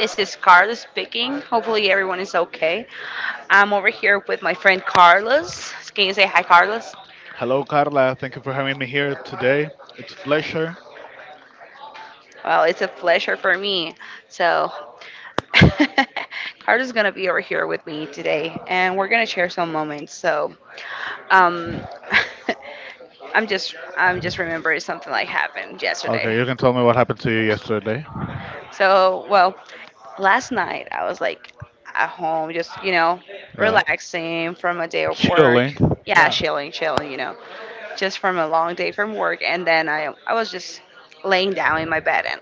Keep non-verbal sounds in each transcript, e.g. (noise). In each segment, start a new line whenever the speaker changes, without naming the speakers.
This is Carlos speaking. Hopefully, everyone is okay. I'm over here with my friend Carlos. Can you say hi, Carlos?
Hello, Carla. Thank you for having me here today. It's a pleasure.
Well, it's a pleasure for me. So, (laughs) Carlos is going to be over here with me today, and we're going to share some moments. Um, (laughs) I'm just remembering something like happened yesterday.
Okay, you can tell me what happened to you yesterday.
So, well, last night I was like at home, just,
Yeah.
relaxing from a day of work.
Chilling.
Yeah,
Yeah.
chilling, chilling, just from a long day from work. And then I was just laying down in my bed, and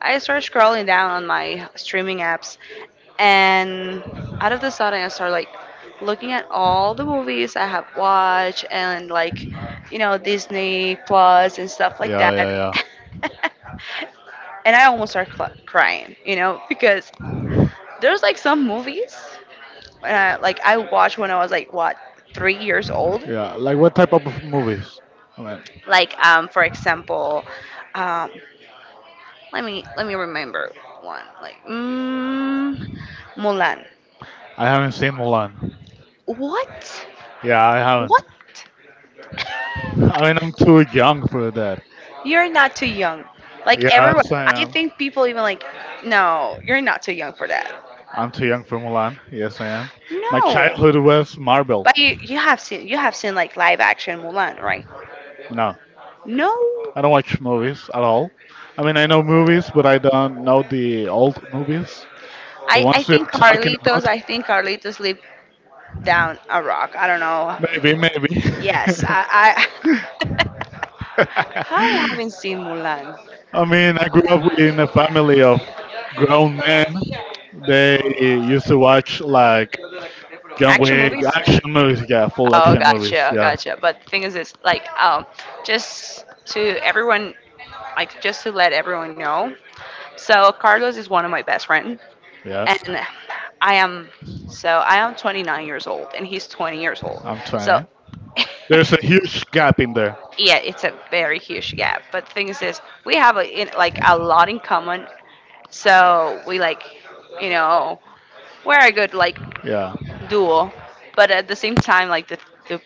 I started scrolling down on my streaming apps. And out of the sudden, I started like looking at all the movies I have watched and like, you know, Disney Plus and stuff like
Yeah, yeah,
that.
yeah.
(laughs) And I almost start crying, you know, because there's like some movies, like I watched when I was like what, 3 years old,
Yeah. Like what type of movies? I mean,
like for example, um let me remember one like Mulan.
I haven't seen Mulan.
What?
Yeah, I haven't.
What?
(laughs) I mean, I'm too young for that.
You're not too young. Like
Yes,
everyone,
I
I
am.
think people even like, no, you're not too young for that.
I'm too young for Mulan. Yes, I am. My
No.
childhood was Marvel.
But you have seen like live action Mulan, right?
No,
No.
I don't watch movies at all. I mean, I know movies, but I don't know the old movies, the
I
ones
think
you're talking
Carlitos,
about.
I think Carlitos lived down a rock. I don't know.
Maybe, maybe.
Yes,
(laughs)
I (laughs) I haven't seen Mulan.
I mean, I grew
I
up in a family of grown men. They used to watch like John
action
Wick
movies?
action movies, yeah, full
Oh,
action movies,
gotcha,
yeah,
gotcha. But the thing is, it's like just to everyone, like just to let everyone know. So Carlos is one of my best friends,
yeah.
and I am so I am 29 years old and he's 20 years old.
I'm
So
20. There's a huge
(laughs)
gap in there.
yeah, it's a very huge gap. But the thing is we have a, in, like a lot in common. So we like, you know, we're a good like
Yeah.
dual, but at the same time, like the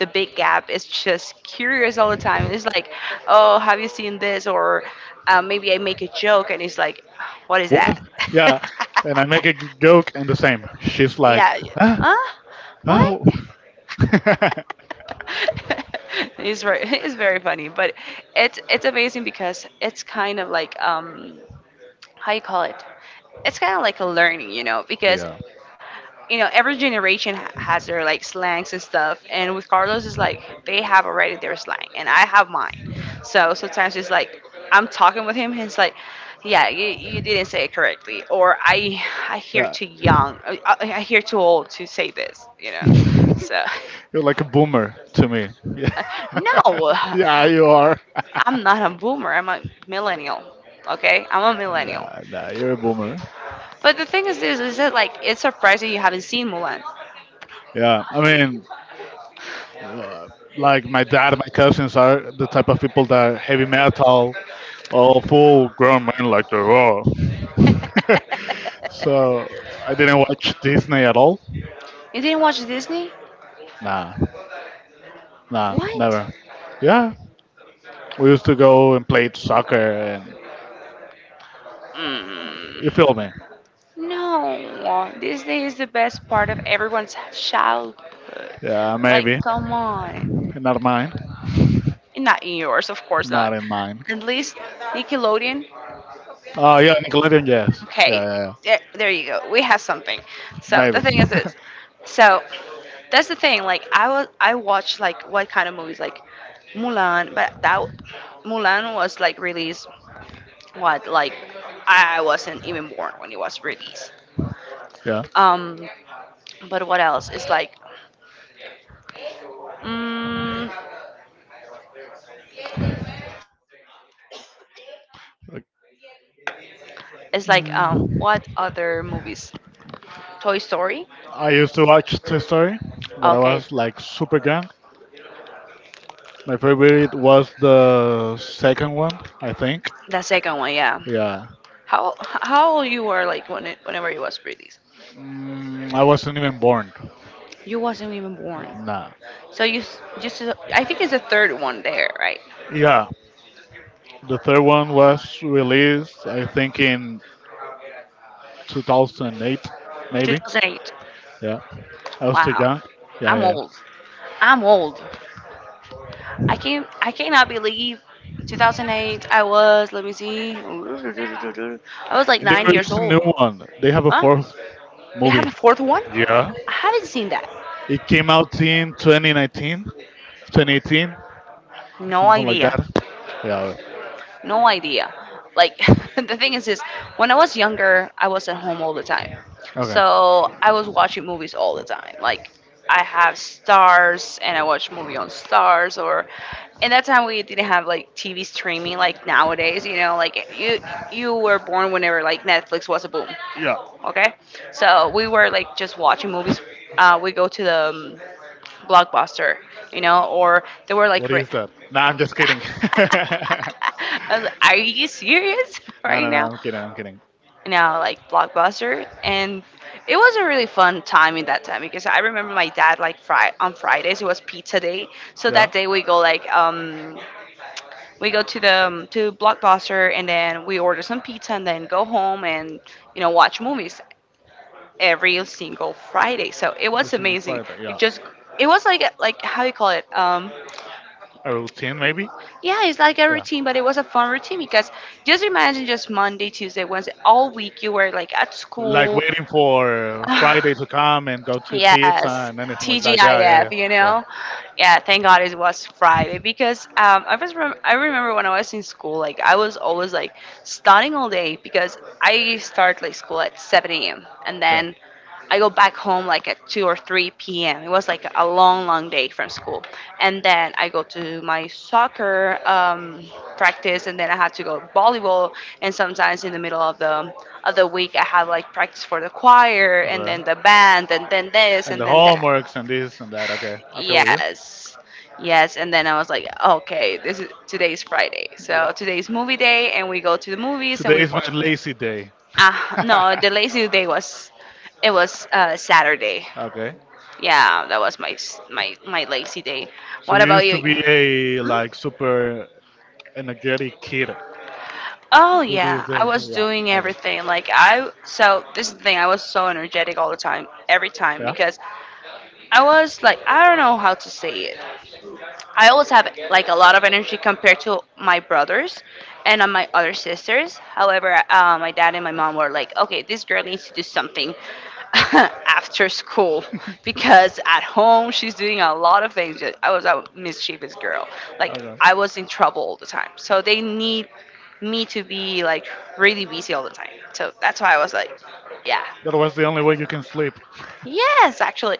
the big gap is just curious all the time. It's like, oh, have you seen this? Or maybe I make a joke, and it's like, what is that?
What?
(laughs) Yeah,
Yeah. And I make a joke and the same. She's like,
yeah, huh?
ah,
Huh? What?
oh. (laughs)
(laughs) it's very (laughs) it's very funny, but it's amazing because it's kind of like how you call it? It's kind of like a learning, you know, because
yeah.
you know every generation has their like slangs and stuff, and with Carlos it's like they have already their slang and I have mine. So sometimes it's like I'm talking with him and it's like yeah you didn't say it correctly, or I hear
Yeah.
too young I hear too old to say this, you
(laughs)
know. So
You're like a boomer to me. (laughs)
(laughs) no,
Yeah, yeah you are.
I'm not a boomer, I'm a millennial. Okay, I'm a millennial.
Nah, nah, you're a boomer.
But the thing is this is that like it's surprising you haven't seen Mulan.
Yeah, I mean, uh, like my dad, and my cousins are the type of people that are heavy metal, all full grown men like they are. (laughs)
(laughs)
so I didn't watch Disney at all.
You didn't watch Disney?
Nah. Nah,
What?
never. Yeah, we used to go and play soccer, and you
Mm.
feel me?
No, Disney is the best part of everyone's childhood.
Yeah,
Like,
maybe.
come on.
Not mine.
Not in yours, of course not.
Not in mine.
At least Nickelodeon.
Oh yeah, Nickelodeon. Yes. Yeah,
Okay,
yeah, yeah.
there you go. We have something. So the
Maybe.
thing is this. So that's the thing. Like I watched like what kind of movies like Mulan, but that Mulan was like released. What, like I wasn't even born when it was released.
Yeah.
Um, but what else? It's like, mm, it's like,
Mm.
what other movies? Toy Story.
I used to watch Toy Story, but I
Okay,
was like super young. My favorite was the second one, I think.
the second one. Yeah.
Yeah.
How old you were like when it, whenever you was read these?
I wasn't even born.
You wasn't even born.
Nah.
So you just I think it's the third one there, right?
Yeah, the third one was released, I think, in 2008, maybe.
2008.
Yeah, I was too
Wow.
young. Yeah,
I'm
yeah, yeah.
old. I'm old. I cannot believe 2008. I was, let me see. I was like
And they
9 years
released a
old.
new one. They have a
Huh?
fourth
They have
movie.
a fourth one?
Yeah.
I haven't seen that.
It came out in 2019, 2018,
No
something like
idea.
that. Yeah.
No idea. Like (laughs) the thing is when I was younger, I was at home all the time.
Okay.
So I was watching movies all the time. Like I have stars and I watch movie on stars, or in that time we didn't have like TV streaming like nowadays, you know, like you were born whenever like Netflix was a boom.
Yeah.
Okay? So we were like just watching movies. We go to the Blockbuster, you know, or they were like,
What is that? Nah, I'm just kidding.
(laughs)
(laughs) no,
I was like, are you serious (laughs)
no, no.
right now?
I'm kidding. I'm kidding.
Now, like Blockbuster, and it was a really fun time in that time because I remember my dad like on Fridays it was pizza day, so
Yeah.
that day we go like we go to the to Blockbuster, and then we order some pizza, and then go home and you know watch movies every single Friday. So it
Every
was
single
amazing.
Friday.
It
Yeah.
just it was like how you call it
A routine maybe.
yeah, it's like a
Yeah.
routine, but it was a fun routine because just imagine just Monday, Tuesday, Wednesday, all week you were like at
Like
school.
waiting
(laughs)
for
(sighs)
Friday to come and go to eat pizza
Yes,
and anything like that. Yeah. Yeah.
TGIF, you
Yeah.
know? Yeah, thank God it was Friday because I was I remember when I was in school, like I was always like studying all day because I start like school at 7 a.m., and
Yeah.
then I go back home like at 2 or 3 p.m. It was like a long, long day from school. And then I go to my soccer
Yeah.
practice, and then I had to go volleyball. And sometimes in the middle of the week, I have like practice for the choir, and
Okay.
then the band, and then this,
And
and
the
then that.
homeworks and this and that. Okay. I feel you.
Yes. Yes, and then I was like, okay, this is today's Friday,
Yeah.
so today's movie day, and we go to the movies and
Today
we
is my
watch.
lazy day.
Ah,
(laughs)
no, the lazy day was it was Saturday.
Okay.
Yeah, that was my my lazy day.
So
What
you
about
used to
you?
be a
Hmm?
like super energetic kid.
Oh
It is
yeah, I
there.
was
Yeah.
doing
Okay.
everything. Like I so this is the thing, I was so energetic all the time, every time
Yeah.
because I was like I don't know how to say it. I always have like a lot of energy compared to my brothers and on my other sisters. However, my dad and my mom were like, okay, this girl needs to do something (laughs) after
(laughs)
school because at home she's doing a lot of things. I was a mischievous girl. Like
Okay.
I was in trouble all the time. So they need me to be like really busy all the time. So that's why I was like, yeah.
That was the only way you can sleep.
Yes, actually.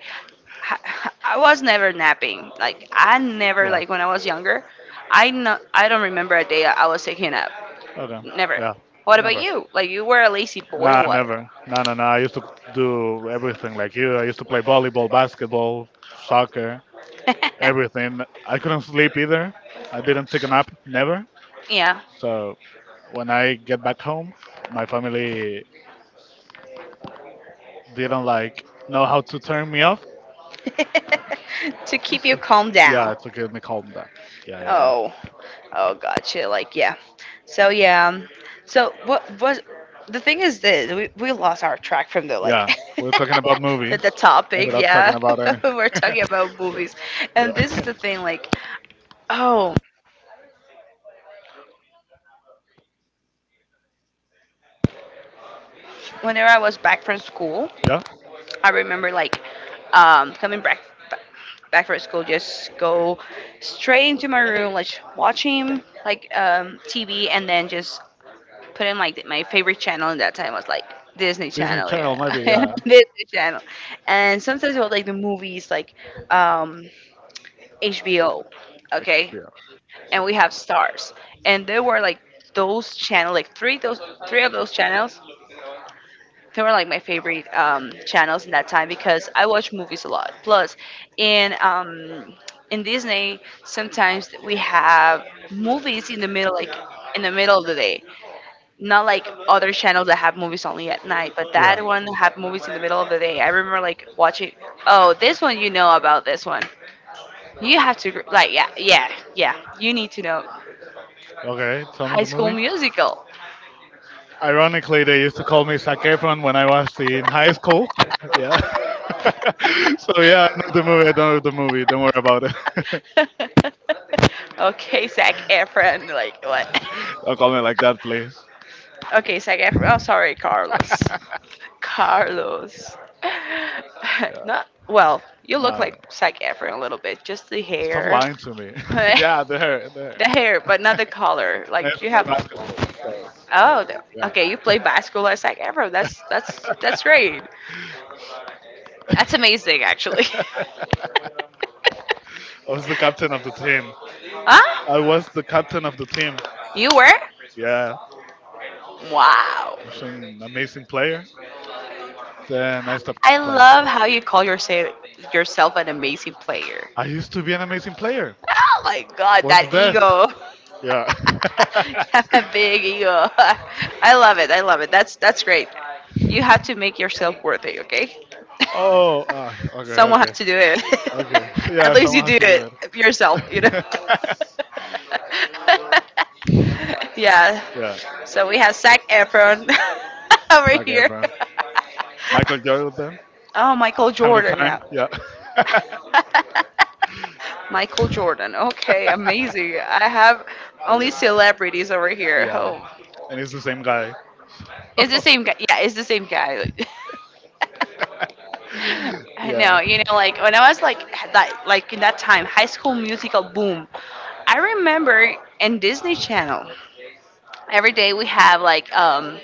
I, (laughs) I was never napping. Like I never
Yeah.
like when I was younger, I no, I don't remember a day I was taking a nap.
Okay.
Never.
Yeah.
What about
Never.
you? Like you were a lazy boy
Nah,
or what?
never. Nah, nah, nah. I used to do everything like you. I used to play volleyball, basketball, soccer, everything. I couldn't sleep either. I didn't take a nap, never.
(laughs) yeah.
So when I get back home, my family didn't like know how to turn me off.
(laughs) To keep you
So,
calm
yeah,
down.
it took me calm down. Yeah, yeah, yeah.
Oh, oh, gotcha. Like, yeah. So yeah. So what was the thing is this? We lost our track from the like
Yeah,
(laughs)
we're talking about movies.
the
Ended
topic.
up
Yeah,
talking about any.
(laughs) we're talking about
Yeah,
movies,
yeah,
and this is the thing. Like, oh, whenever I was back from school,
(laughs) yeah.
I remember like coming back from school, just go straight into my room, like watching like TV, and then just put in like my favorite channel in that time was like Disney
Disney
Channel, you
Channel, maybe.
know,
Yeah,
(laughs) Disney Channel, and sometimes we like the movies like um, HBO, okay,
Akira.
and we have stars, and there were like those channel like three those three of those channels. They were like my favorite channels in that time because I watch movies a lot. Plus, in um, in Disney, sometimes we have movies in the middle, like in the middle of the day, not like other channels that have movies only at night, but that
Yeah.
one have movies in the middle of the day. I remember like watching. Oh, this one you know about this one. You have to like yeah yeah yeah. You need to know
Okay. Tell me
High
the
School
movie.
Musical.
Ironically, they used to call me Zac Efron when I was in high school. Yeah. (laughs) so yeah, I know the movie. I don't know the movie. Don't worry about it.
(laughs) Okay, Zac Efron. Like what?
(laughs)
(laughs)
Don't call me like that, please.
Okay, Zac Efron. Oh, sorry, Carlos. Carlos. (laughs)
Yeah.
Not well. You look
No, no, no.
like Zac Efron a little bit. Just the
Stop
hair.
lying to me.
(laughs) The
(laughs) yeah, there, there.
hair, but not the color.
I
Like you have.
played basketball. So
Oh,
yeah,
okay. You play basketball as like Evro. That's great. That's amazing, actually. (laughs)
I was the captain of the team. I was the captain
Huh?
of the team.
You were?
Yeah, I
Wow.
was an amazing player. Then I stopped
I
playing.
love how you call yourself an amazing player.
I used to be an amazing player.
Oh my god,
Was the
that
best.
ego. (laughs)
Yeah.
You
(laughs)
have a big ego. (laughs) I love it. I love it. That's
yeah.
great. You have to make yourself worthy, okay?
Oh,
(laughs)
okay,
Someone
okay,
had to do it.
okay. So
(laughs) At
yeah,
least you
someone has
do
to do it.
it yourself, you know. (laughs) yeah.
(laughs) yeah,
So we have Zac Efron (laughs)
it's
over
like
here. (laughs)
everyone. Michael Jordan,
Oh, Michael
time to
Jordan,
time.
yeah.
Yeah. (laughs)
(laughs) Michael Jordan. Okay, amazing. I have only
okay.
celebrities over here.
Yeah,
Oh,
and it's the same guy.
it's the
(laughs)
same guy. Yeah, it's the same guy. (laughs) I know.
yeah.
You know, like when I was like like in that time, High School Musical boom. I remember in Disney Channel every day we have like um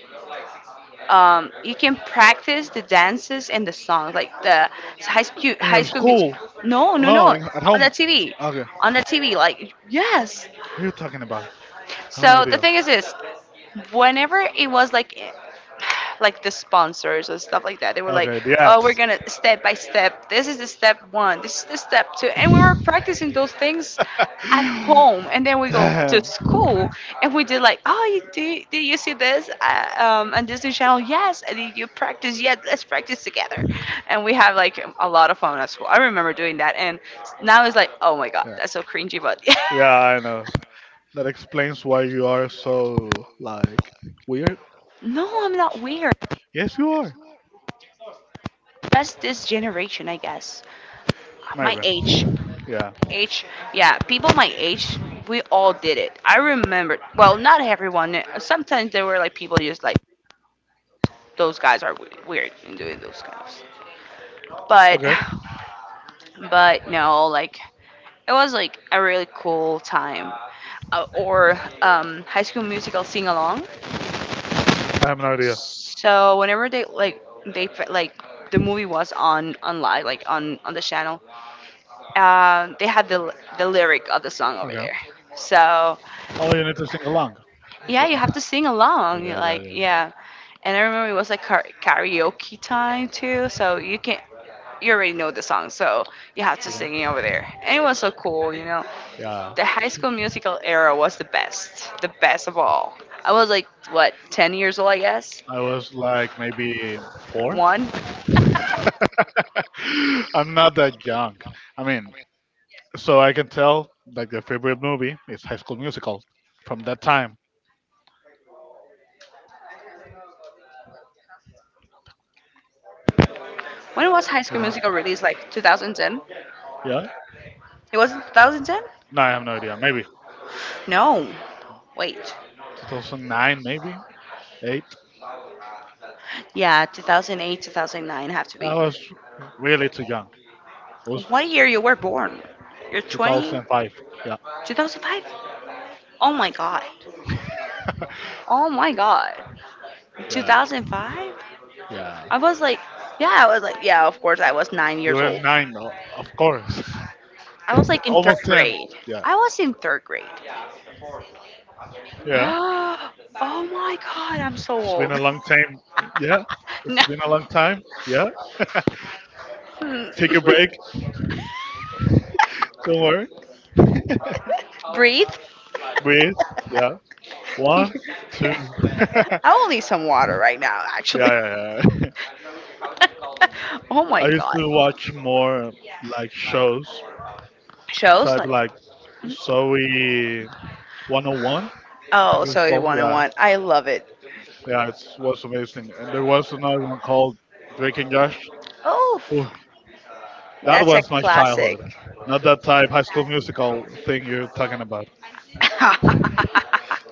um, you can practice the dances and the songs, like the high school
In
high
your
school music.
school?
No, no, no,
No, at
on the
home.
TV,
Okay.
on the TV. Like yes,
What are you talking about? I have no
so the
idea.
thing is this, whenever it was like the sponsors and stuff like that. They were like,
Okay, the
yeah, "Oh, we're
ads.
gonna step by step. This is the step one. This is the step two." And we were practicing those things at home, and then
(laughs)
we go to
Damn.
school, and we did like, "Oh, did you see this on Disney Channel? Yes. And did you practice? Yes. Let's practice together." And we have like a lot of fun at school. I remember doing that, and now it's like, "Oh my God,
Yeah.
that's so cringy," but (laughs)
Yeah,
yeah.
I know. That explains why you are so like weird.
No, I'm not weird.
Yes, you are.
Just this generation, I guess. My
Maybe.
age.
Yeah.
Age. Yeah, people my age, we all did it. I remember. Well, not everyone. Sometimes there were like people just like, those guys are weird in doing those kind of stuff. But,
Okay,
but no, like, it was like a really cool time. Or High School Musical sing along.
I have no idea.
So whenever they like, the movie was on online like on the channel, they had the lyric of the song over
Okay.
there. So
Oh, you need to sing along.
yeah,
The-
you
uh,
have to sing
Okay,
along.
okay,
Like
okay,
yeah, and I remember it was like karaoke time too. So you can you already know the song, so you have to sing it over
okay.
there. And it was so cool, you know.
Yeah,
The High School Musical era was the best of all. I was like what, 10 years old, I guess.
I was like maybe four.
One.
(laughs) I'm not that young. I mean, so I can tell like your favorite movie is High School Musical from that time.
When was High School
Okay.
Musical released? Like 2010.
Yeah.
It was 2010.
No, I have no idea. Maybe
No, wait.
2009, maybe eight.
Yeah, 2008, 2009 have to be.
I was really too young. I was
What year you were born? You're 20?
2005. Yeah,
2005? Oh my god. Oh my god.
yeah,
2005?
yeah.
I was like, yeah, I was like, yeah, of course, I was nine
You
years
were
old.
nine, of course.
I was like
(laughs)
in third
Almost 10.
grade.
Yeah,
I was in third grade. (gasps)
yeah.
Oh my god, I'm so
It's been
old.
a
(laughs)
long time. Yeah,
No.
it's been a long time. Yeah.
Hmm.
Take a break.
(laughs)
Don't worry.
(laughs) Breathe.
Breathe. Yeah.
(laughs)
One, two. (laughs) yeah,
I will need some water right now, actually.
yeah, yeah. (laughs)
(laughs) Oh my
I used
god.
to watch more like shows,
So shows
type
like,
like Zoe 101. I think
oh, so
it's
it's
called.
one and
Yeah,
one. I love it.
yeah. It was amazing. And there was another one called Drake and Josh.
Oh,
That
that's a
was my
classic.
childhood. Not that type high school musical thing you're talking about.
(laughs)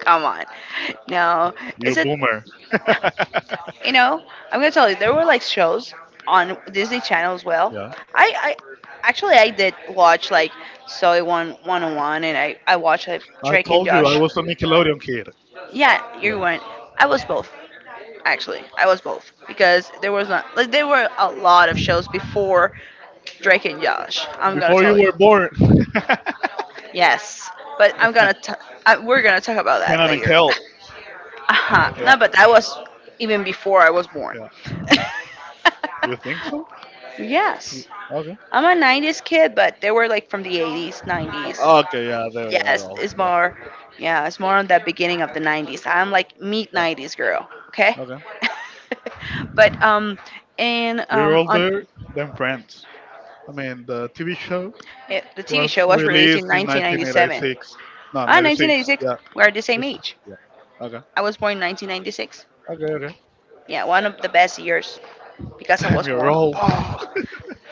Come on. No. Is
You
it
boomer. (laughs)
(laughs) you know, I'm gonna tell you, there were like shows on Disney Channel as well.
Yeah.
I actually I did watch like Soy One 101 and I watched like
I
Drake and
told you I
Josh.
was a Nickelodeon kid.
Yeah, you
Yeah.
weren't. I was both actually. I was both because there was not like there were a lot of shows before Drake and Josh. I'm gonna
Before you
tell
were
you.
born,
(laughs) Yes, but I'm gonna t- I, we're gonna talk about
(laughs)
that
Kenan and
later.
Kel.
(laughs) Uh-huh.
Yeah.
No, but that was even before I was born.
Yeah. You think so?
(laughs)
Y-
Yes.
Okay.
I'm a 90s kid, but they were like from the 80s, 90s.
Okay. Yeah. They are
Yes,
old.
it's
Yeah.
more, yeah, it's more on the beginning of the 90s. I'm like mid
Yeah.
90s girl, okay?
Okay.
(laughs) but and
You're
on
older than Friends. I mean, the TV show
yeah, the TV
was
show was released in
released in
1997.
1986. No,
Ah,
96.
1996.
Yeah.
We're the same
Just.
age.
Yeah. Okay.
I was born in 1996.
Okay. Okay.
Yeah, one of the best years
(laughs)
because I
Damn,
was
you're
born.
old.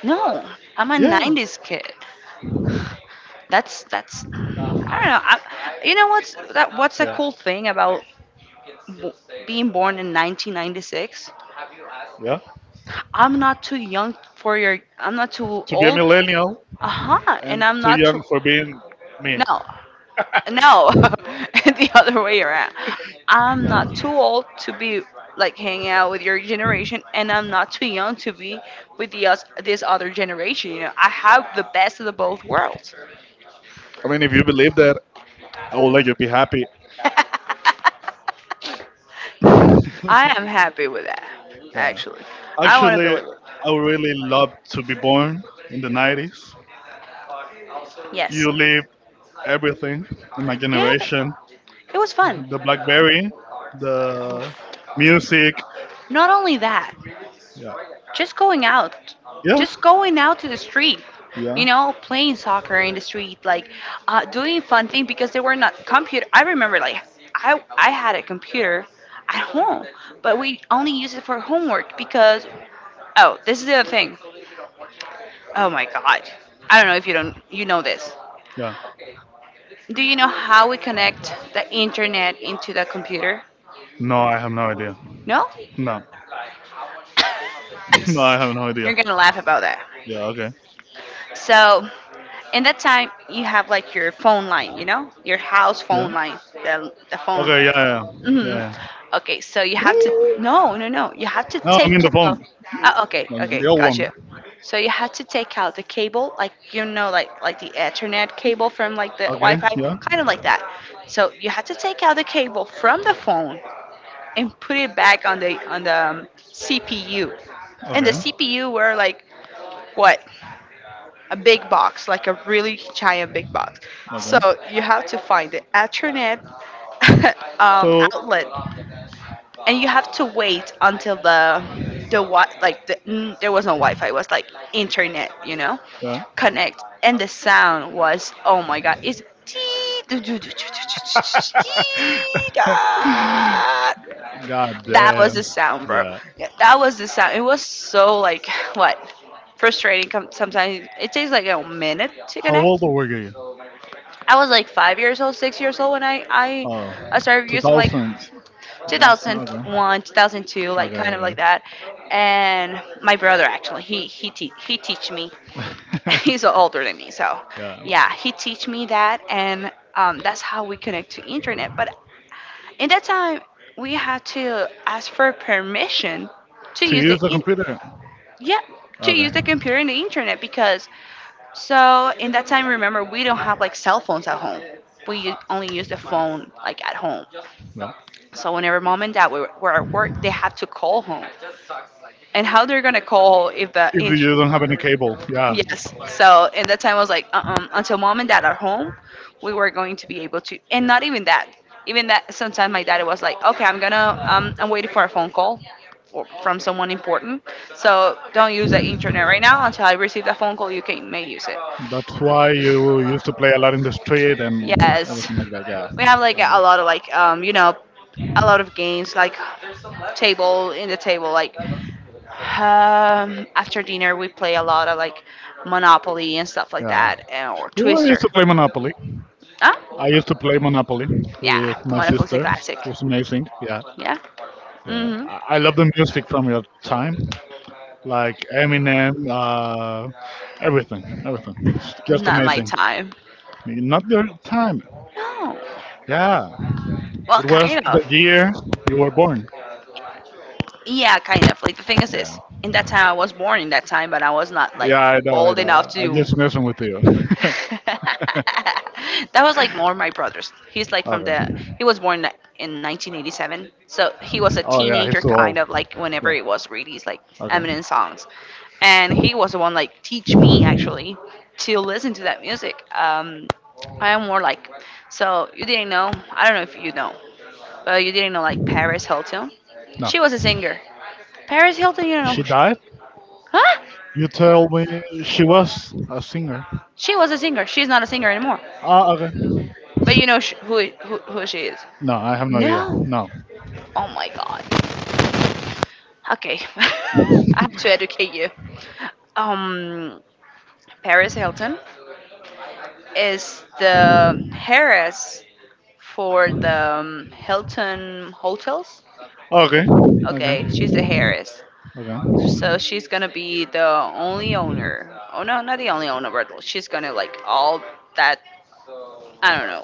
No, I'm
(laughs)
a
Yeah.
90s kid. That's I don't know. You know what's that? What's the
Yeah.
cool thing about w- being born in 1996?
Yeah.
I'm not too young for your. I'm not too
to be a
old.
millennial
Uh huh.
and
And I'm
too
not
young
too.
for being me.
No, no. (laughs) The other way around. I'm not too old to be like hanging out with your generation, and I'm not too young to be with the us this other generation. You know, I have the best of the both worlds.
I mean, if you believe that, I will let you be
(laughs)
happy. (laughs)
I am happy with that,
Yeah.
actually. I want to
Actually,
believe
I
it.
really loved to be born in the 90s.
Yes.
You lived everything in my
Yeah,
generation
it was fun.
the Blackberry, the music.
Not only that,
Yeah.
just going out,
Yeah.
just going out to the street,
Yeah.
you know, playing soccer in the street, like doing fun thing because they were not computer. I remember like I had a computer at home, but we only used it for homework because oh, this is the other thing. Oh my God. I don't know if you don't you know this.
Yeah.
Do you know how we connect the internet into the computer?
No, I have no idea.
No?
No. (laughs) no, I have no
(laughs)
idea.
You're gonna laugh about that.
Yeah. Okay.
So in that time, you have like your phone line, you know, your house
Yeah.
phone line, the phone.
Okay. Yeah. Yeah.
Hmm.
Yeah.
Okay, so you have to
yeah.
no, no, no. You have to
No, I am in
take
the
out.
phone.
Okay,
Like,
okay,
the old one.
gotcha. So you have to take out the cable, like you know, like the Ethernet cable from like the
Okay.
Wi-Fi,
Yeah.
kind of like that. So you have to take out the cable from the phone and put it back on the CPU. And the
Okay.
CPU were like what? A big box, like a really giant big box. So
Okay.
you have to find the Ethernet (laughs)
So,
outlet, and you have to wait until the what like the, mm, there was no Wi-Fi. It was like internet, you know,
yeah.
connect, and the sound was oh my god, it's
(laughs)
(tsk)
God
That was the
damn.
sound, bro.
Yeah.
Yeah, that was the sound. It was so like what, frustrating. Sometimes it takes like a minute to
How old
connect.
were you?
I was like 5 years old, 6 years old when I I,
Oh,
I started using like
2000s. Okay. Okay.
2001, 2002, like kind of
Okay.
like that. And my brother actually he he teach me. (laughs) He's
(laughs)
older than me, so
Yeah.
yeah, he teach me that, and that's how we connect to internet. But in that time, we had to ask for permission to
To
use the
use a
in-
computer.
yeah, to
Okay.
use the computer and the internet because so in that time, remember we don't have like cell phones at home. We only use the phone like at home.
Yeah.
So whenever mom and dad were at work, they had to call home and how they're gonna call if the
If
int-
you don't have any cable. Yeah.
yes, so in that time I was like uh-uh, until mom and dad are home we were going to be able to, and not even that, even that sometimes my dad was like, okay, I'm gonna I'm waiting for a phone call or from someone important, so don't use the internet right now until I receive that phone call, you can may use it.
That's why you used to play a lot in the street and
Yes,
everything like that. Yeah.
we have like
Okay.
a lot of like you know, a lot of games like table in the table like after dinner, we play a lot of like Monopoly and stuff like
Yeah.
that, and, or
Oh, I used
Twister.
to play Monopoly. I
Huh?
used to play Monopoly with
Yeah,
my
Monopoly's a
sisters.
classic.
It was amazing. Yeah,
Yeah.
yeah.
Mhm.
I love the music from your time, like Eminem, everything, everything. It's just
Not my
amazing.
time.
Not your time.
No.
Yeah,
Well,
it was
kind
the
of.
year you were born.
Yeah, kind of. Like the thing is
Yeah,
this: in that time, I was born in that time, but I was not like
yeah. I know, I
old enough
know. I'm
to
just messing with you.
(laughs) that was like more my brother's. He's like from
Okay.
the he was born in 1987, so he was a
Oh yeah,
teenager
he's too
kind
old.
of like whenever
Yeah.
it was released like
Okay.
Eminem songs, and he was the one like teach me actually to listen to that music. I am more like so you didn't know I don't know if you know, but you didn't know like Paris Hilton.
No,
She was a singer. Paris Hilton, you don't know
she
who she?
died.
Huh?
You tell me she was a singer.
She was a singer. She's not a singer anymore.
Ah, okay.
But you know who she is.
No, I have no idea.
No.
No.
Oh my god. Okay. (laughs) I have to educate you. Um, Paris Hilton is the heiress for the Hilton hotels.
Okay, okay,
Okay, she's the heiress.
okay,
So she's gonna be the only owner. Oh no, not the only owner, but she's gonna like all that. I don't know,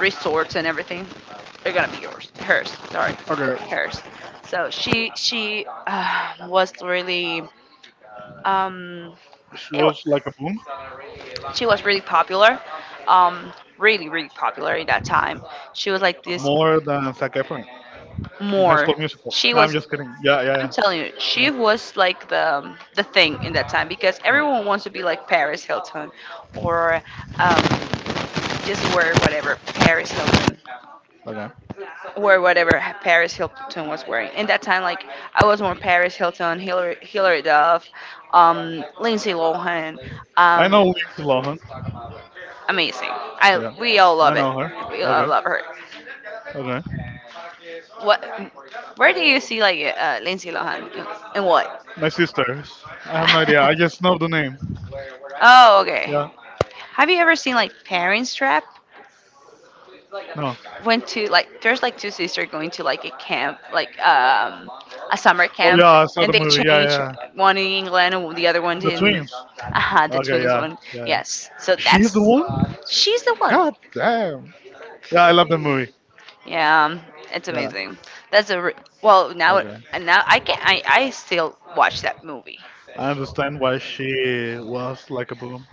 resorts and everything. They're gonna be yours, hers. Sorry,
okay.
hers. So she was really Um,
She
it wa
was like a boom
she was really popular, um, really really popular in that time. She was like this
more than Zac Efron in High
more.
School Musical.
She
No, I'm
was
just kidding. Yeah, yeah,
I'm
yeah,
telling you, she was like the thing in that time because
yeah, yeah.
everyone wants to be like Paris Hilton or um, just wear whatever Paris Hilton
Okay,
Paris Hilton was wearing. In that time, like I was more Paris Hilton, Hillary Duff, Lindsay Lohan.
I
Um,
know Lindsay Lohan.
amazing. I
Yeah,
we all
I
love it.
know her.
We
Okay,
all love her.
okay.
What? Where do you see like Lindsay Lohan? In what?
My sisters. I have no idea. I just know the name.
(laughs) Oh, okay.
Yeah,
Have you ever seen like Parents Trap?
no.
Went to like there's like two sisters going to like a camp, like a summer
Oh
camp,
yeah, I saw the
and they
movie. Yeah,
change
yeah, yeah.
one in England and the other one
The
in,
twins.
aha, the
Okay,
twins
yeah,
one.
yeah, yeah.
Yes, so
She's the
that's
one.
she's the one.
God damn. Yeah, I love the movie.
Yeah, it's
Yeah.
amazing. That's a re- well now
Okay.
and now I can I still watch that movie.
I understand why she was like a boom.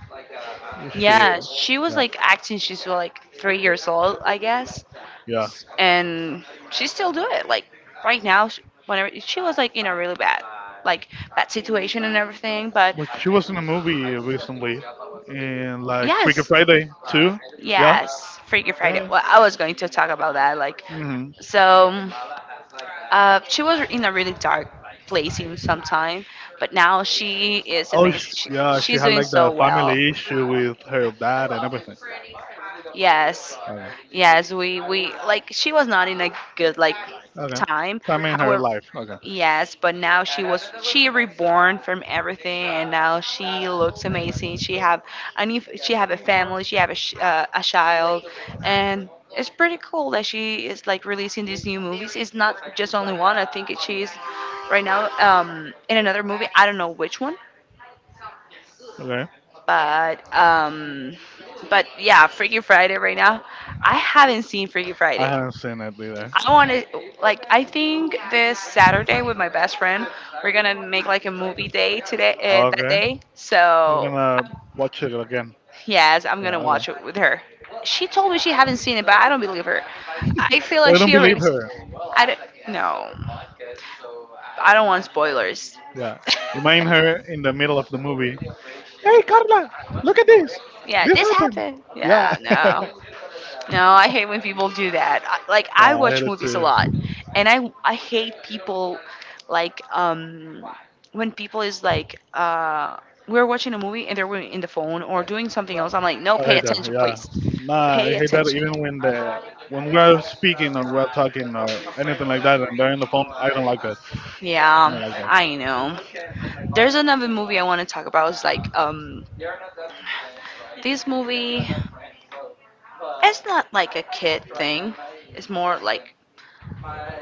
She,
Yeah, she was
yeah,
like acting. She's like 3 years old, I guess,
yeah.
and she still do it. Like right now, she, whenever she was like in a really like bad situation and everything. But
Like she was in a movie recently, in like Freaky
yes,
Friday too. Yeah,
yes, Freaky
yeah,
Friday.
yeah.
Well, I was going to talk about that.
hmm
So. She was in a really dark place in some time, but now she is
Oh,
amazing.
yeah. She
She's
had
doing
like the
so
family
well.
issue with her dad and everything.
Yes,
Okay,
yes, we like she was not in a good like
okay.
time.
So, I mean her
However,
life. Okay,
yes, but now she was she reborn from everything, and now she looks amazing. She have a family, she have a child, and it's pretty cool that she is like releasing these new movies. It's not just only one. I think she's right now in another movie. I don't know which one,
okay.
but um, but yeah, Freaky Friday right now. I haven't seen Freaky
I
Friday.
haven't seen it either.
I want to I think this Saturday with my best friend we're gonna make like a movie day today that
Okay,
day.
we're
So
gonna watch it again.
yes, I'm
Yeah,
gonna
okay.
watch it with her. She told me she haven't seen it, but I don't believe her. I feel
Well,
like
I don't
she
believe
already.
her.
I don't. No, I don't want spoilers.
Yeah, imagine her in the middle of the movie. Hey
(laughs)
Carla, look at this.
yeah,
This
this
happened.
happened.
Yeah.
Yeah,
(laughs)
no. No, I hate when people do that. Like
Yeah,
I
I hate
watch
it
movies a lot,
too.
and I hate people like um when people is like we're watching a movie and they're in the phone or doing something else. I'm like, no,
I
pay
hate that.
attention,
Yeah.
please,
Nah, I
pay
hate that
attention.
even when we're speaking or we're talking or anything like that and they're in the phone, I don't like that. I don't
Yeah,
like that.
I know. There's another movie I want to talk about. It's like This movie. It's not like a kid thing. It's more like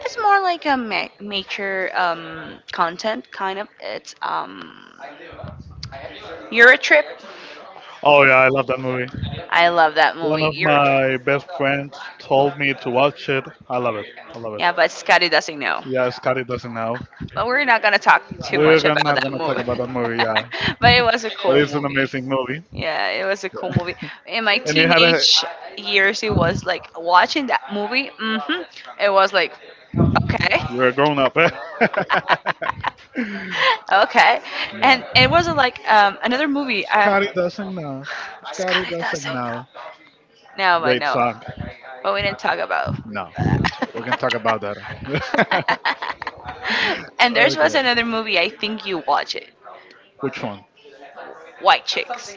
it's more like a mature content kind of. It's Euro Trip.
Oh yeah, I love that movie.
I love that
One
movie.
of
Euro
my
Trip.
best friends told me to watch it. I love it. I love it.
Yeah, but Scotty doesn't know.
Yeah, Scotty doesn't know.
But we're not gonna talk too
We're
much
gonna-
about
not
that
gonna talk about
movie.
that movie, yeah.
(laughs) but it was a
But
cool
it's an
movie.
amazing movie.
Yeah, it was a cool movie. In my
And it had a
teenage years, it was like watching that movie. It was like, okay,
you're a grown up, eh?
(laughs) okay,
(laughs) Yeah.
and it was like another movie.
Scotty doesn't know. Scotty
Scott, it
doesn't know.
No, but
Great
no.
song.
But we didn't talk about.
No, we can talk about that. (laughs)
(laughs)
okay,
And there was another movie. I think you watch it.
which one?
White Chicks.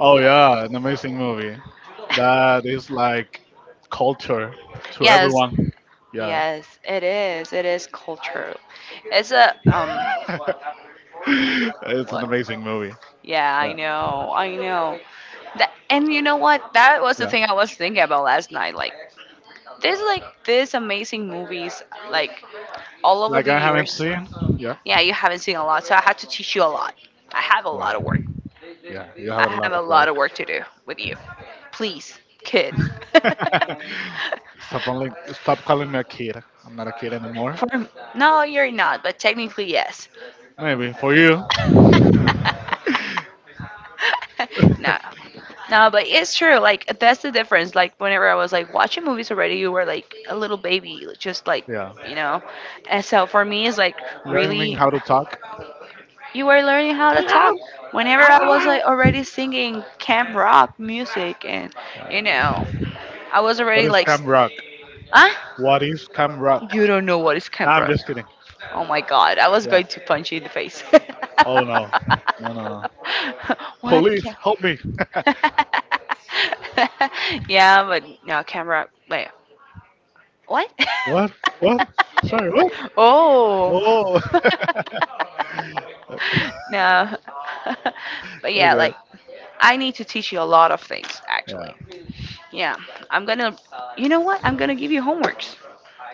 Oh yeah, an amazing movie. That is like culture to
Yes.
everyone. Yeah,
Yes, it is. It is cultural. It's a.
(laughs) it's an
What?
amazing movie.
Yeah, I
Yeah,
know. I know. That, and you know what? That was the
yeah.
thing I was thinking about last night. Like, there's like these amazing movies like all over
Like I
the
haven't
years.
seen. Yeah,
Yeah, you haven't seen a lot, so I had to teach you a lot. I have a
yeah,
lot of work.
yeah. You have a
I
lot
have a
of
lot
work.
of work to do with you. Please, kid. (laughs)
(laughs) stop only. Stop calling me a kid. I'm not a kid anymore.
For, no, you're not, but technically yes.
Maybe for you.
(laughs) No, no, but it's true. Like, that's the difference. Like, whenever I was like watching movies already, you were like a little baby. Just like,
Yeah,
you know, and so for me it's like
learning
really
how to talk.
you were learning how to talk. Whenever I was like already singing camp rock music, and you know, I was already
What is Cam Rock?
huh?
What is Cam Rock?
You don't know what is
No,
camp
I'm
rock.
just kidding.
Oh my god, I was
Yeah.
going to punch you in the face.
Oh
(laughs)
no. No, no, no.
what
Police,
camp?
help me.
(laughs) yeah, but no, camp rock. Like, what?
What?
(laughs)
What? Sorry, what?
Oh.
Oh
(laughs)
(laughs)
no. (laughs) But yeah,
okay.
like I need to teach you a lot of things actually.
Yeah.
Yeah. I'm going to You know what? I'm going to give you homeworks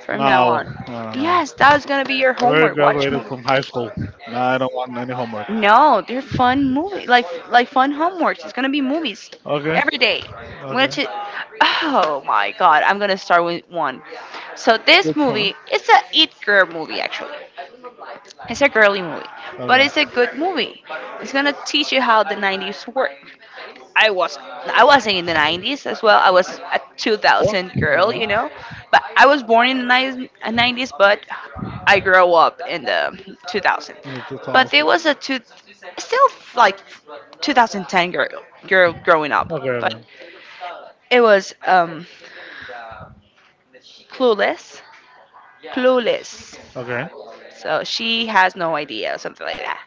from now
No,
on.
no, no, no.
Yes, that is going to be your
I already
homework. Watch
graduated
movies.
from high school. Now I don't want any homework.
No, they're fun movie, like fun homeworks. It's gonna be movies
Okay.
every day. I'm gonna.
Okay.
Ch- oh my god! I'm gonna start with one. So this
Which one?
movie, it's a it girl movie actually. It's a girly movie, but
Okay.
it's a good movie. It's gonna teach you how the 90s work. I was I wasn't in the 90s as well. I was a
What?
2000 girl,
Okay.
you know. But I was born in the 90s, 90s, but I grew up in the 2000.
In the
But there
2000.
was a two, still like 2010 girl growing up,
Okay,
but
okay.
it was clueless, clueless.
Okay.
So she has no idea, something like that.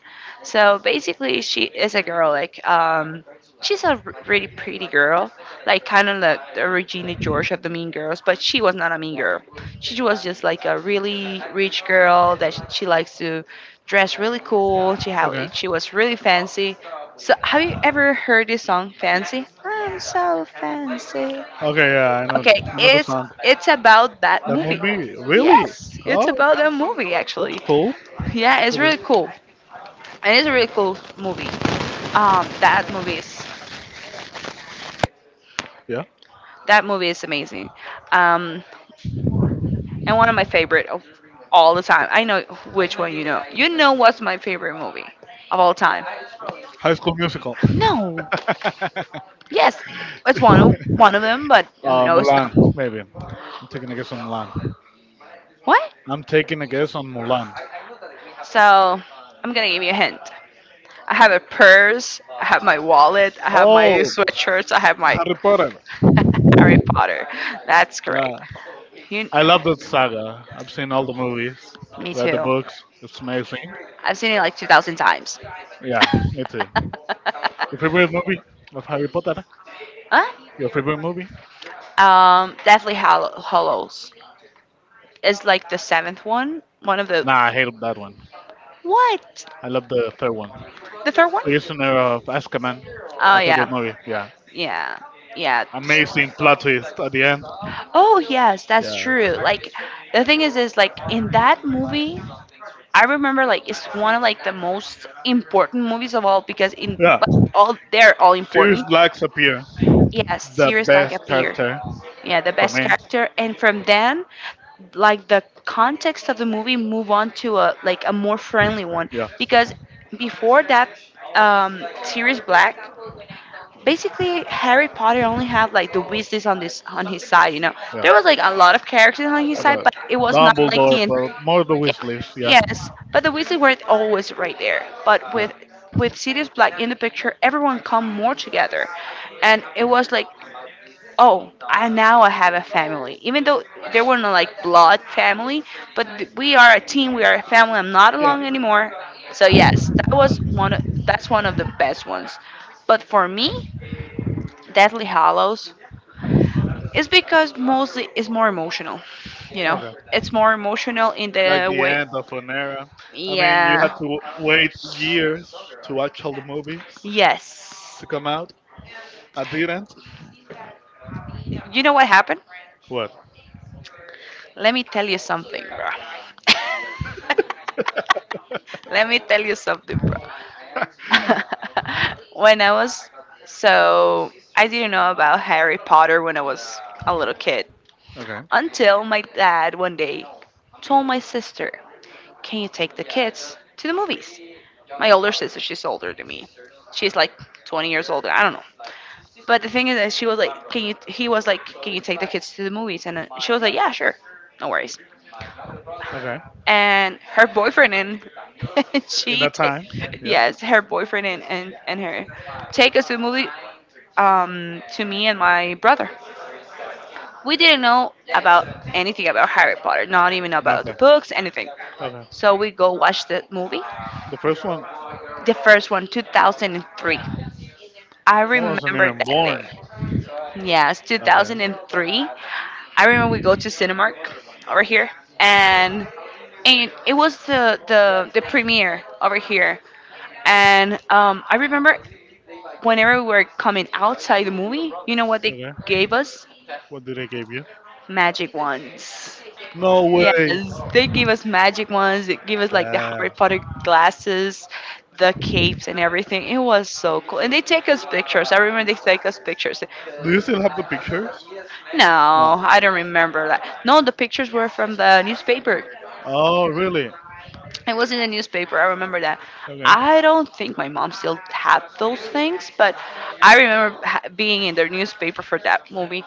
So basically, she is a girl. Like, she's a really pretty girl, like kind of like the Regina George of the Mean Girls. But she was not a mean girl. She was just like a really rich girl that she likes to dress really cool.
Okay.
She was really fancy. So have you ever heard this song, Fancy? I'm so fancy.
Okay, yeah,
Okay,
I know the song.
it's about that
That
movie.
movie really?
Yes, it's
Oh,
about that movie
that's
actually.
cool.
Yeah, it's really
Okay.
cool. And it's a really cool movie. Um, that movie is
Yeah.
that movie is amazing. Um, and one of my favorite of all the time. I know which one you know. You know what's my favorite movie of all time?
High school musical.
No. Yes, it's one of them, but no, it's
Mulan,
not.
maybe. I'm taking a guess on Mulan.
What?
I'm taking a guess on Mulan.
So I'm gonna give you a hint. I have a purse, I have my wallet, I have my
Oh,
sweatshirts, I have my
Harry Potter.
(laughs) Harry Potter. That's
Yeah,
great. You,
I love that saga. I've seen all the movies,
me
read the
too.
books. It's amazing.
I've seen it like 2,000 times. (laughs)
Yeah, me too. Your favorite movie of Harry Potter?
Huh?
Your favorite movie?
Definitely Hollows. It's like the seventh one. One of the.
Nah, I hate that one.
What?
I love the third one.
The third one?
Prisoner of Azkaban.
Oh
My favorite
yeah,
movie. Yeah,
yeah, yeah.
amazing plot twist at the end.
Oh yes, that's
Yeah,
true. Like the thing is like in that movie. I remember it's one of like the most important movies of all because in
yeah.
well, all they're all
Sirius
important.
Black appear
Yes,
the
Sirius Black
best
appeared.
character
Yeah, the
for
best
me.
character, and from then, like the context of the movie move on to a like a more friendly one
Yeah,
because before that, Sirius Black basically Harry Potter only had like the Weasleys on this on his side, you know.
yeah.
There was like a lot of characters on his side,
about
but it was not like
Dumbledore,
the
but more the
yeah,
wish list. Yeah,
yes, but the Weasleys weren't always right there. But
yeah.
with Sirius Black in the picture, everyone come more together, and it was like, oh, I now I have a family. Even though there were no like blood family, but we are a team, we are a family. I'm not
Yeah.
alone anymore. So yes, that was one. Of, that's one of the best ones. But for me, Deathly Hallows is because mostly it's more emotional. You know,
Okay.
it's more emotional in
Like
the
the
way.
end of an era. I mean, you had
Yeah.
to wait years to watch all the movies to
Yes.
come out. I didn't.
You know what happened?
What?
Let me tell you something, bro. (laughs) Let me tell you something, bro. (laughs) when I was So I didn't know about Harry Potter when I was a little kid.
Okay.
Until my dad one day told my sister, can you take the kids to the movies? My older sister, she's older than me. She's like 20 years older. I don't know. But the thing is that she was like, can he was like, can you take the kids to the movies? And she was like, yeah, sure. No worries.
Okay.
And her boyfriend and (laughs)
In
she,
that
ta-
time? Yeah.
yes, her boyfriend and her take us to the movie to me and my brother. We didn't know about anything about Harry Potter, not even about the
Nothing.
books, anything.
Okay.
So we go watch the movie,
The first one, I
the first one, 2003. I
wasn't
remember
even
that day.
born.
Yes,
Okay.
2003. I remember we go to Cinemark over here, and it was the premiere over here. And I remember whenever we were coming outside the movie, you know what they
Okay.
gave us?
What did they give you?
Magic wands.
No
Yes,
way.
they give us magic ones. They give us like the Harry
Damn.
Potter glasses, the capes, and everything. It was so cool. And they take us pictures. I remember they take us pictures.
Do you still have the pictures? No.
No, I don't remember that. No, the pictures were from the newspaper.
Oh, really?
It was in the newspaper. I remember that.
Okay.
I don't think my mom still had those things, but I remember being in their newspaper for that movie.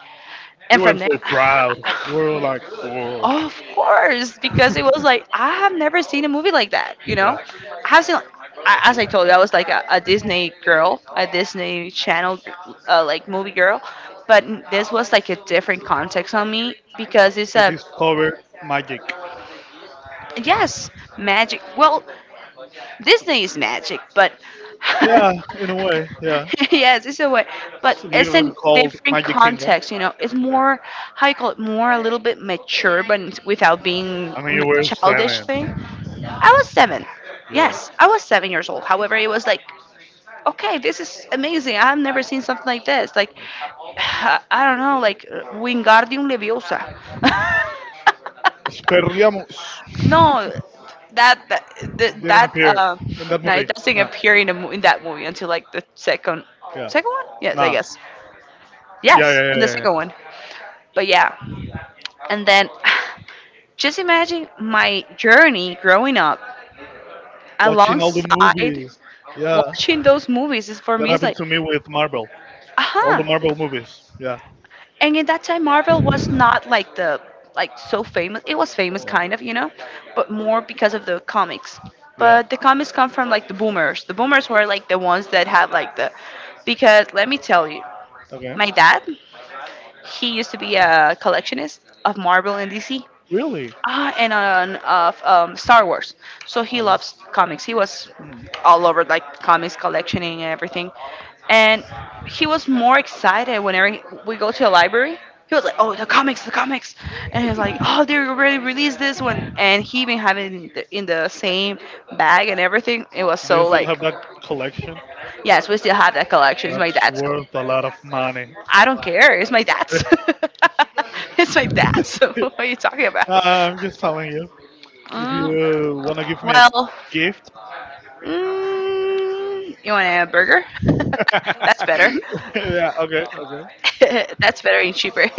You
And
were
from them,
so proud.
(laughs)
You were like, whoa.
of course, because it was like I have never seen a movie like that. You
Yeah.
know, I have seen, I- as I told you, I was like a Disney girl, a Disney Channel like movie girl, but this was like a different context on me because it's
You
a
discovered magic.
yes magic. Well, Disney is magic, but
Yeah,
(laughs)
in a way. Yeah,
(laughs) yes, it's a way, but
it's
it's
literally
a
called
different
Magic Kingdom.
context. You know, it's
Yeah,
more how you call it more a little bit mature, but it's without being
I mean you were
childish
seven.
thing. I was seven.
Yeah,
Yes, I was 7 years old. However, it was like okay, this is amazing. I've never seen something like this. Like, (sighs) I don't know, like Wingardium Leviosa.
Sperliamos
(laughs)
(laughs)
no, that
didn't
that
appear in that
no,
movie.
it doesn't
Nah.
appear in the in that movie until like the
Yeah.
second one. Yes, I
Nah.
guess.
Yeah,
Yes,
yeah, yeah,
in the
yeah,
second
yeah.
one. But yeah, and then (sighs) just imagine my journey growing up
Watching all the
alongside.
movies. Yeah,
Watching those movies is for
that
me is
happened
like,
to me with Marvel. All the
aha.
Marvel movies. Yeah.
And in that time, Marvel was not like the like so famous. It was famous
Yeah.
kind of, you know, but more because of the comics.
Yeah.
But the comics come from like the boomers. The boomers were like the ones that have like the because let me tell you,
Okay.
my dad, he used to be a collectionist of Marvel and DC.
Really?
Ah, and on of Star Wars. So he
Okay.
loves comics. He was
Hmm.
all over like comics collectioning and everything. And he was more excited whenever we go to the library. He was like, "Oh, the comics, the comics!" And he was like, "Oh, they already released this one." And he even had it in in the same bag and everything. It was
Do you
so
still
like,
have that collection?
yes, we still have that collection. It's my
That's
dad's collection.
worth a lot of money.
I don't care. It's my dad's. (laughs) it's my dad's. (laughs) what are you talking about?
I'm just telling you. If
Mm,
you wanna give me a
well,
gift,
you want a burger? (laughs) That's better.
(laughs) yeah, okay, okay,
(laughs) That's better and cheaper. (laughs)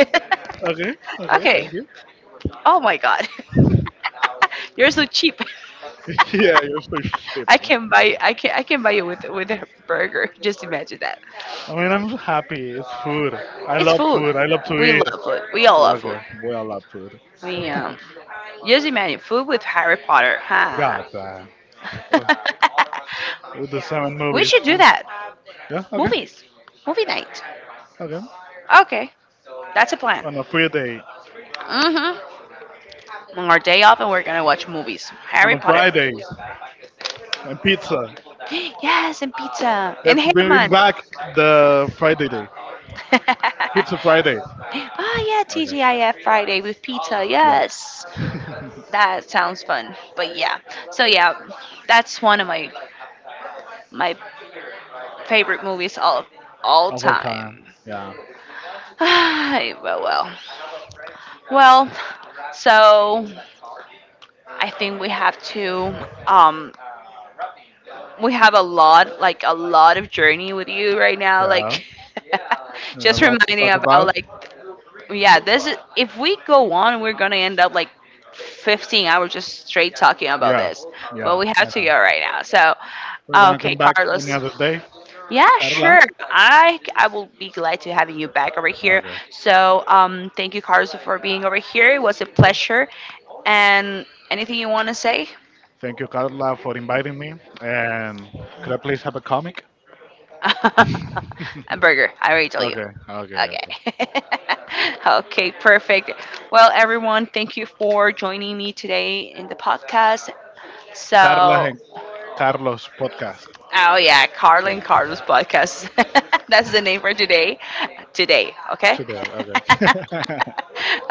okay, okay.
okay.
Thank you.
Oh my god. (laughs) You're so cheap. (laughs)
(laughs) yeah, you're so cheap.
I can buy you with a burger. Just imagine that.
I mean, I'm so happy. It's food. I
It's
love
food.
food. I love to
We
eat.
love food. We all
Yeah,
love food.
okay, we all love food.
We just imagine food with Harry Potter. Huh?
God damn. Ugh, with the seven
(laughs) we
movies.
should do
Ooh.
that.
Yeah, okay,
Movies. Movie night.
okay.
Okay. That's a plan.
On a free day,
Mm-hmm. On our day off and we're gonna watch movies.
on
Harry
a
Potter.
Friday, and pizza.
(gasps) Yes, and pizza. And
Let's bring
Herman.
back the Friday day. Pizza
(laughs)
Friday.
Oh yeah,
Okay,
TGIF Friday with pizza.
yeah,
Yes. That sounds fun. But yeah. So yeah, that's one of my favorite movies all
the whole time.
time.
Yeah,
(sighs) Well. Well, so I think we have to um we have a lot like a lot of journey with you right now
yeah.
like (laughs)
And a
just
lot to
reminding
talk
about
about.
like yeah this is if we go on we're gonna end up like 15 hours just straight talking about
Yeah,
this
yeah,
but we
I
have to
know.
go right now so
We're gonna
okay
come back any
Carlos
other day,
yeah
Carla.
sure I will be glad to having you back over here
Okay.
so thank you Carlos for being over here it was a pleasure and anything you want to say
Thank you, Carla, for inviting me. And could I please have a comic?
(laughs) a burger. I already told you.
Okay, okay, okay.
Okay. (laughs) okay, perfect. Well, everyone, thank you for joining me today in the podcast.
Carla
So,
and Carlos podcast.
oh yeah, Carlin
Yeah,
Carlos podcast. (laughs) That's the name for today. Today, okay?
today. Okay.
(laughs)
(laughs)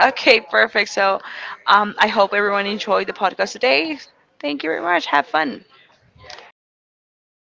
okay, perfect. So, I hope everyone enjoyed the podcast today. Thank you very much. Have fun.